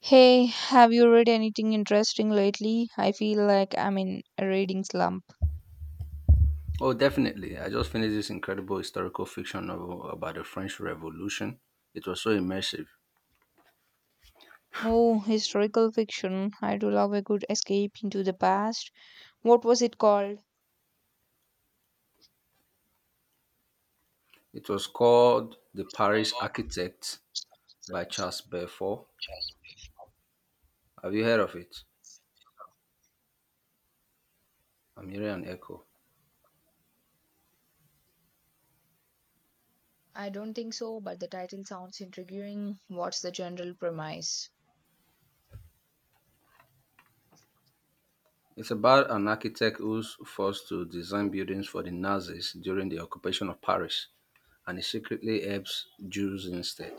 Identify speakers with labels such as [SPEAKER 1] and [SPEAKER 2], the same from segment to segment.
[SPEAKER 1] Hey, have you read anything interesting lately? I feel like I'm in a reading slump.
[SPEAKER 2] Oh, definitely. I just finished this incredible historical fiction novel about the French Revolution. It was so immersive.
[SPEAKER 1] Oh, historical fiction. I do love a good escape into the past. What was it called?
[SPEAKER 2] It was called The Paris Architect
[SPEAKER 1] So,
[SPEAKER 2] by Charles Belfort. Have you heard of it? I'm hearing an echo.
[SPEAKER 1] I don't think so, but the title sounds intriguing. What's the general premise?
[SPEAKER 2] It's about an architect who's forced to design buildings for the Nazis during the occupation of Paris, and he secretly helps Jews instead.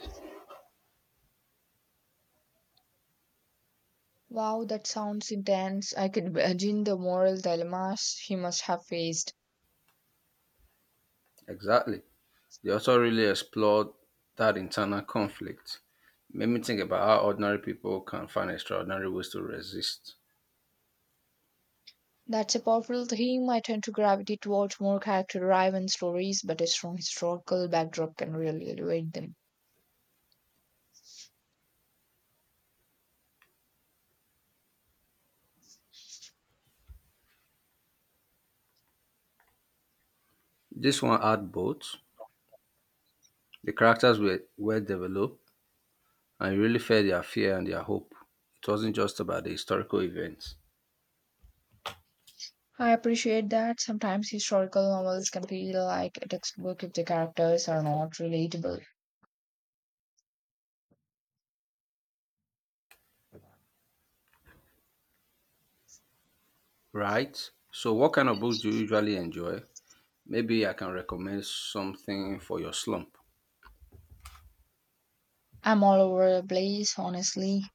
[SPEAKER 1] Wow, that sounds intense. I can imagine the moral dilemmas he must have faced.
[SPEAKER 2] Exactly. The author really explored that internal conflict. Made me think about how ordinary people can find extraordinary ways to resist.
[SPEAKER 1] That's a powerful theme. I tend to gravitate towards more character driven stories, but a strong historical backdrop can really elevate them.
[SPEAKER 2] This one had both. The characters were well developed and you really felt their fear and their hope. It wasn't just about the historical events.
[SPEAKER 1] I appreciate that. Sometimes historical novels can feel like a textbook if the characters are not relatable.
[SPEAKER 2] Right. So, what kind of books do you usually enjoy? Maybe I can recommend something for your slump.
[SPEAKER 1] I'm all over the place, honestly.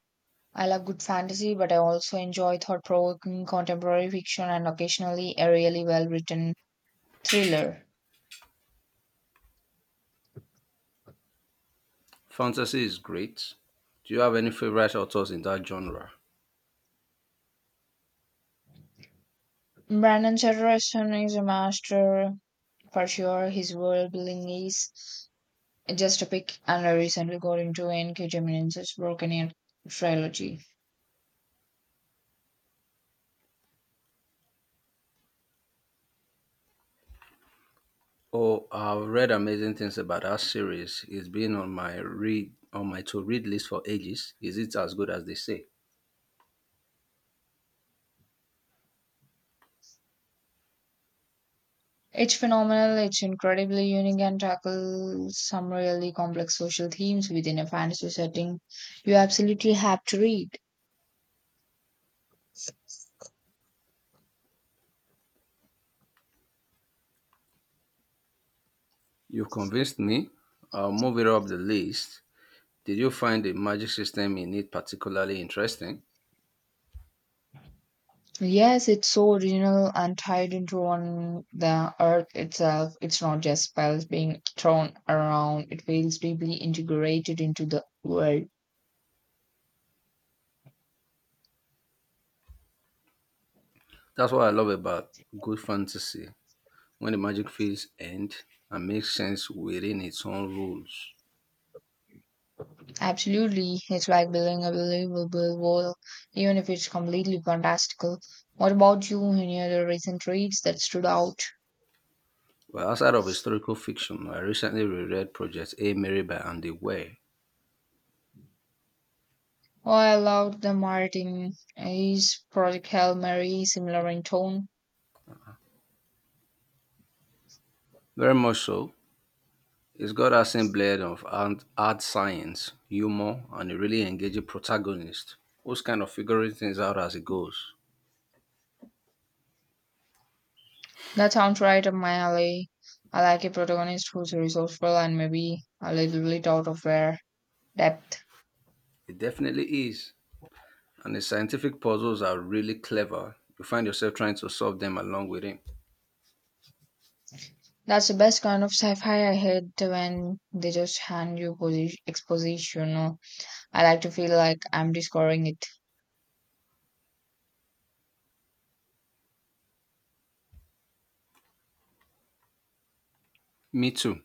[SPEAKER 1] I love good fantasy, but I also enjoy thought provoking contemporary fiction and occasionally a really well written thriller.
[SPEAKER 2] Fantasy is great. Do you have any favorite authors in that genre?
[SPEAKER 1] Brandon Sanderson is a master for sure. His world building is just to pick another recently got into N.K. Jemisin's Broken Air trilogy.
[SPEAKER 2] Oh, I've read amazing things about that series. It's been on my to read list for ages. Is it as good as they say?
[SPEAKER 1] It's phenomenal, it's incredibly unique, and tackles some really complex social themes within a fantasy setting you absolutely have to read.
[SPEAKER 2] You've convinced me. I'll move it up the list. Did you find the magic system in it particularly interesting?
[SPEAKER 1] Yes, it's so original and tied into on the earth itself. It's not just spells being thrown around, it feels deeply integrated into the world.
[SPEAKER 2] That's what I love about good fantasy. When the magic feels end and makes sense within its own rules.
[SPEAKER 1] Absolutely, it's like building a believable world, even if it's completely fantastical. What about you? Any other recent reads that stood out?
[SPEAKER 2] Well, outside of historical fiction, I recently reread Project A Mary by Andy Weir.
[SPEAKER 1] Oh, I loved the Martin Ace Project Hail Mary, similar in tone.
[SPEAKER 2] Very much so. It's got a same blend of art science, humor, and a really engaging protagonist who's kind of figuring things out as it goes.
[SPEAKER 1] That sounds right up my alley. I like a protagonist who's resourceful and maybe a little bit out of their depth.
[SPEAKER 2] It definitely is. And the scientific puzzles are really clever. You find yourself trying to solve them along with him.
[SPEAKER 1] That's the best kind of sci-fi I hate when they just hand you exposition. No? I like to feel like I'm discovering it.
[SPEAKER 2] Me too.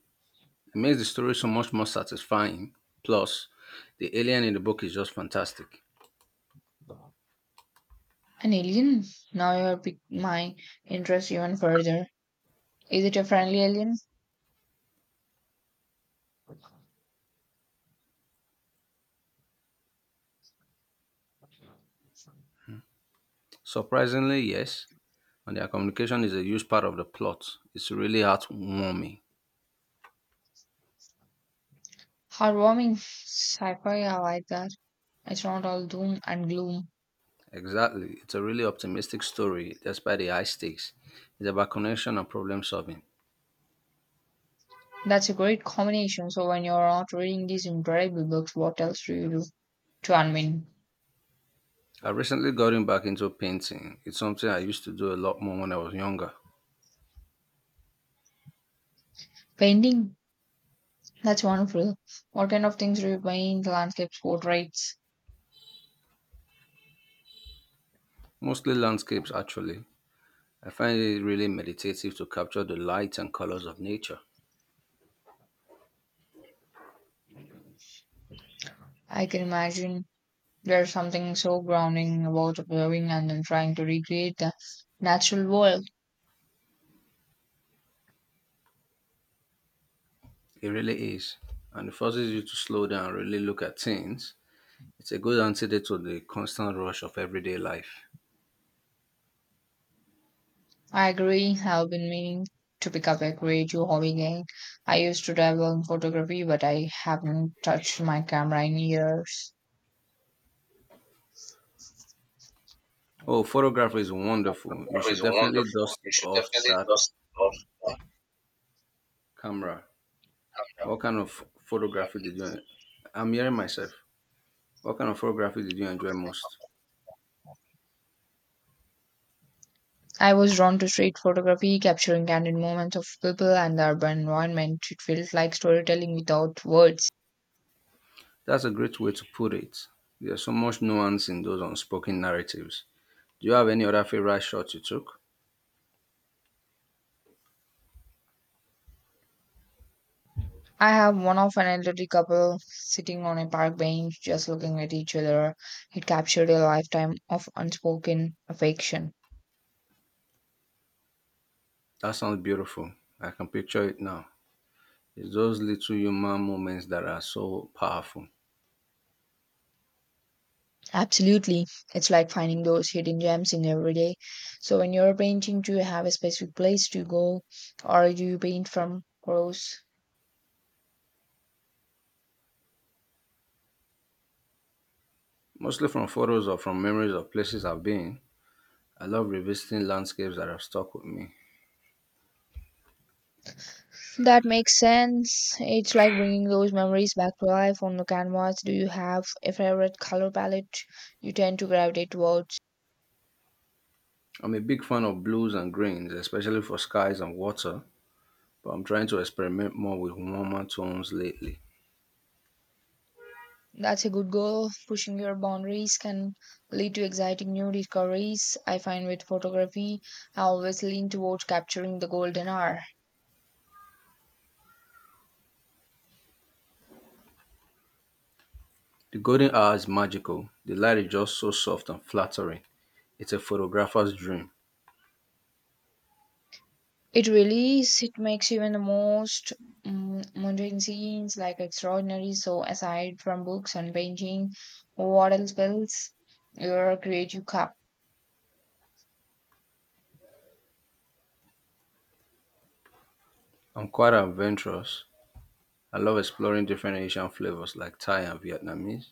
[SPEAKER 2] It makes the story so much more satisfying. Plus, the alien in the book is just fantastic.
[SPEAKER 1] An alien? Now you have piqued my interest even further. Is it a friendly alien?
[SPEAKER 2] Surprisingly, yes, and their communication is a huge part of the plot. It's really heartwarming.
[SPEAKER 1] Heartwarming. Sci fi, I like that. It's not all doom and gloom.
[SPEAKER 2] Exactly. It's a really optimistic story despite the high stakes. It's about connection and problem solving.
[SPEAKER 1] That's a great combination. So, when you're not reading these incredible books, what else do you do to unwind?
[SPEAKER 2] I recently gotten back into painting. It's something I used to do a lot more when I was younger.
[SPEAKER 1] Painting? That's wonderful. What kind of things do you paint? Landscapes, portraits?
[SPEAKER 2] Mostly landscapes, actually. I find it really meditative to capture the light and colors of nature.
[SPEAKER 1] I can imagine there's something so grounding about observing and then trying to recreate the natural world.
[SPEAKER 2] It really is. And it forces you to slow down and really look at things. It's a good antidote to the constant rush of everyday life.
[SPEAKER 1] I agree. I've been meaning to pick up a creative hobby again. I used to dabble in photography, but I haven't touched my camera in years.
[SPEAKER 2] Oh, photography is wonderful. You
[SPEAKER 1] That is
[SPEAKER 2] should definitely
[SPEAKER 1] wonderful.
[SPEAKER 2] dust
[SPEAKER 1] You should
[SPEAKER 2] off
[SPEAKER 1] definitely
[SPEAKER 2] that
[SPEAKER 1] just love that.
[SPEAKER 2] camera. What kind of photography did you? I'm hearing myself. What kind of photography did you enjoy most?
[SPEAKER 1] I was drawn to street photography, capturing candid moments of people and the urban environment. It felt like storytelling without words.
[SPEAKER 2] That's a great way to put it. There's so much nuance in those unspoken narratives. Do you have any other favorite shots you took?
[SPEAKER 1] I have one of an elderly couple sitting on a park bench, just looking at each other. It captured a lifetime of unspoken affection.
[SPEAKER 2] That sounds beautiful. I can picture it now. It's those little human moments that are so powerful.
[SPEAKER 1] Absolutely. It's like finding those hidden gems in every day. So when you're painting, do you have a specific place to go or do you paint from prose?
[SPEAKER 2] Mostly from photos or from memories of places I've been. I love revisiting landscapes that have stuck with me.
[SPEAKER 1] That makes sense. It's like bringing those memories back to life on the canvas. Do you have a favorite color palette you tend to gravitate towards?
[SPEAKER 2] I'm a big fan of blues and greens, especially for skies and water, but I'm trying to experiment more with warmer tones lately.
[SPEAKER 1] That's a good goal. Pushing your boundaries can lead to exciting new discoveries. I find with photography, I always lean towards capturing the golden hour.
[SPEAKER 2] The golden hour is magical. The light is just so soft and flattering. It's a photographer's dream.
[SPEAKER 1] It really is. It makes even the most mundane scenes like extraordinary. So, aside from books and painting, what else builds your creative cup?
[SPEAKER 2] I'm quite adventurous. I love exploring different Asian flavors like Thai and Vietnamese,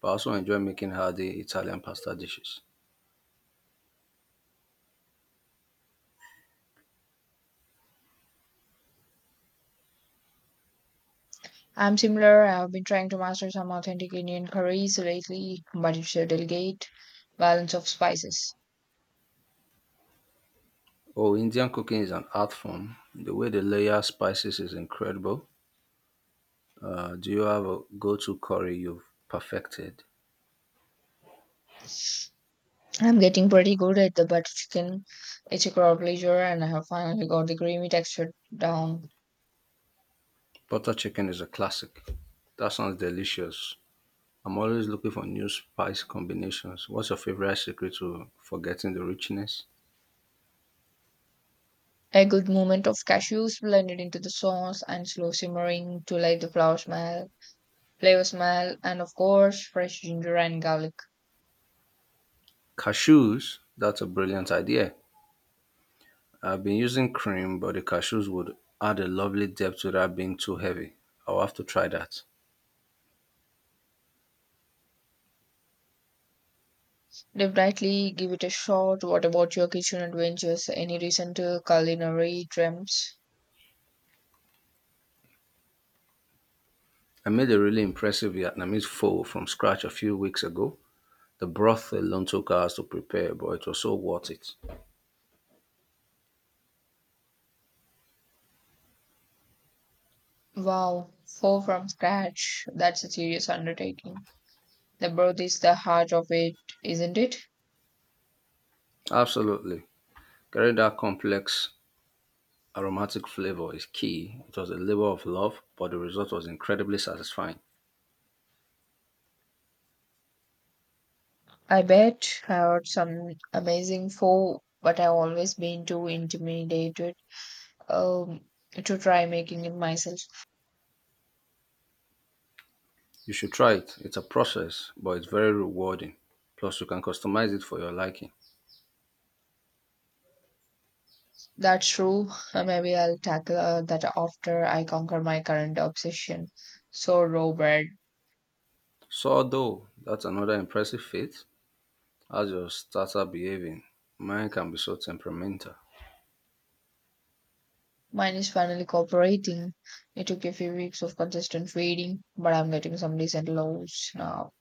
[SPEAKER 2] but I also enjoy making hearty Italian pasta dishes.
[SPEAKER 1] I'm similar. I've been trying to master some authentic Indian curries lately, but it's a delicate balance of spices.
[SPEAKER 2] Oh, Indian cooking is an art form. The way they layer spices is incredible. Do you have a go to curry you've perfected?
[SPEAKER 1] I'm getting pretty good at the butter chicken. It's a crowd pleaser, and I have finally got the creamy texture down.
[SPEAKER 2] Butter chicken is a classic. That sounds delicious. I'm always looking for new spice combinations. What's your favorite secret to forgetting the richness?
[SPEAKER 1] A good moment of cashews blended into the sauce and slow simmering to let the flour smell flavor, smell, and of course, fresh ginger and garlic.
[SPEAKER 2] Cashews, that's a brilliant idea. I've been using cream, but the cashews would add a lovely depth without being too heavy. I'll have to try that.
[SPEAKER 1] Definitely give it a shot. What about your kitchen adventures? Any recent culinary dreams?
[SPEAKER 2] I made a really impressive Vietnamese pho from scratch a few weeks ago. The broth alone took hours to prepare, but it was so worth it.
[SPEAKER 1] Wow, four from scratch. That's a serious undertaking. The birth is the heart of it, isn't it?
[SPEAKER 2] Absolutely. Getting that complex aromatic flavor is key. It was a labor of love, but the result was incredibly satisfying.
[SPEAKER 1] I bet I heard some amazing four, but I've always been too intimidated um, to try making it myself.
[SPEAKER 2] You should try it. It's a process, but it's very rewarding. Plus, you can customize it for your liking.
[SPEAKER 1] That's true. Maybe I'll tackle that after I conquer my current obsession. So, Robert,
[SPEAKER 2] Sourdough, that's another impressive feat. How's your starter behaving? Mine can be so temperamental.
[SPEAKER 1] mine is finally cooperating. It took a few weeks of consistent feeding, but I'm getting some decent loads now.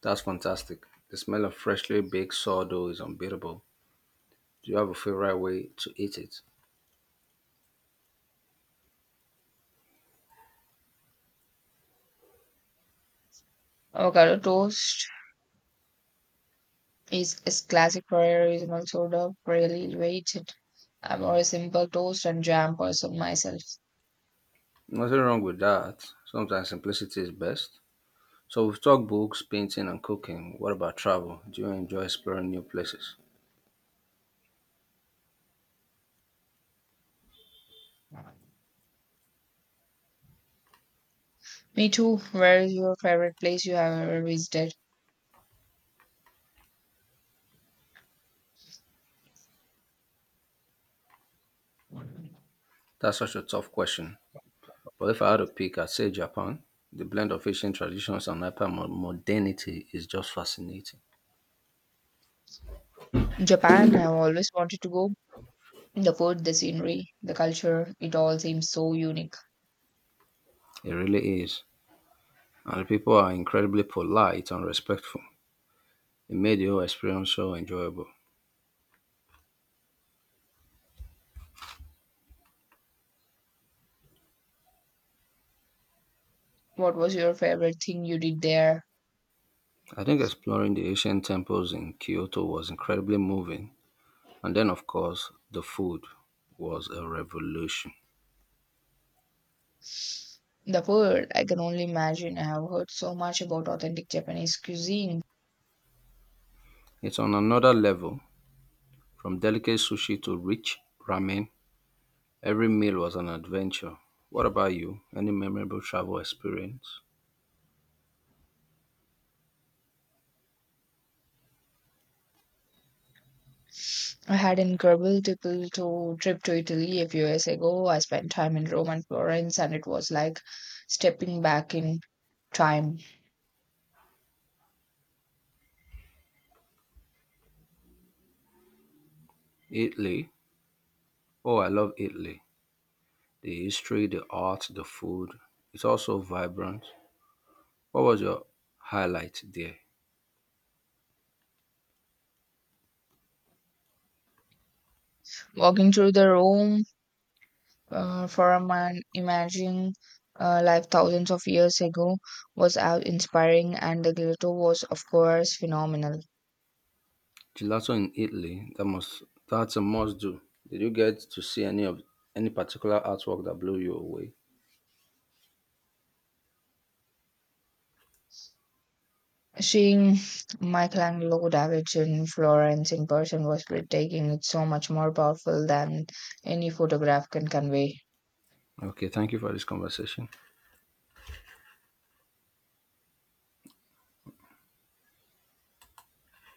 [SPEAKER 2] That's fantastic. The smell of freshly baked sourdough is unbeatable. Do you have a favorite way to eat it?
[SPEAKER 1] Avocado toast is classic for a reasonable soda, really weighted. I'm more a simple toast and jam person myself.
[SPEAKER 2] Nothing wrong with that. Sometimes simplicity is best. So we've talked books, painting, and cooking. What about travel? Do you enjoy exploring new places?
[SPEAKER 1] Me too. Where is your favorite place you have ever visited?
[SPEAKER 2] That's such a tough question. But if I had to pick, I'd say Japan. The blend of ancient traditions and hyper modernity is just fascinating.
[SPEAKER 1] Japan. I've always wanted to go. The food, the scenery, the culture, it all seems so unique.
[SPEAKER 2] It really is. And the people are incredibly polite and respectful. It made the whole experience so enjoyable.
[SPEAKER 1] What was your favorite thing you did there?
[SPEAKER 2] I think exploring the ancient temples in Kyoto was incredibly moving. And then, of course, the food was a revolution.
[SPEAKER 1] The food, I can only imagine. I have heard so much about authentic Japanese cuisine.
[SPEAKER 2] It's on another level, from delicate sushi to rich ramen. Every meal was an adventure. What about you? Any memorable travel experience?
[SPEAKER 1] I had an incredible triple to trip to Italy a few years ago. I spent time in Rome and Florence, and it was like stepping back in time,
[SPEAKER 2] Italy? Oh, I love Italy. The history, the art, the food. It's also vibrant. What was your highlight there?
[SPEAKER 1] walking through the Rome for a man imagining life thousands of years ago was awe inspiring, and the glitter was, of course, phenomenal.
[SPEAKER 2] Gelato in Italy. That must that's a must do. Did you get to see any particular artwork that blew you away?
[SPEAKER 1] Seeing Michelangelo da Vinci in Florence in person was breathtaking. It's so much more powerful than any photograph can convey.
[SPEAKER 2] Okay, thank you for this conversation.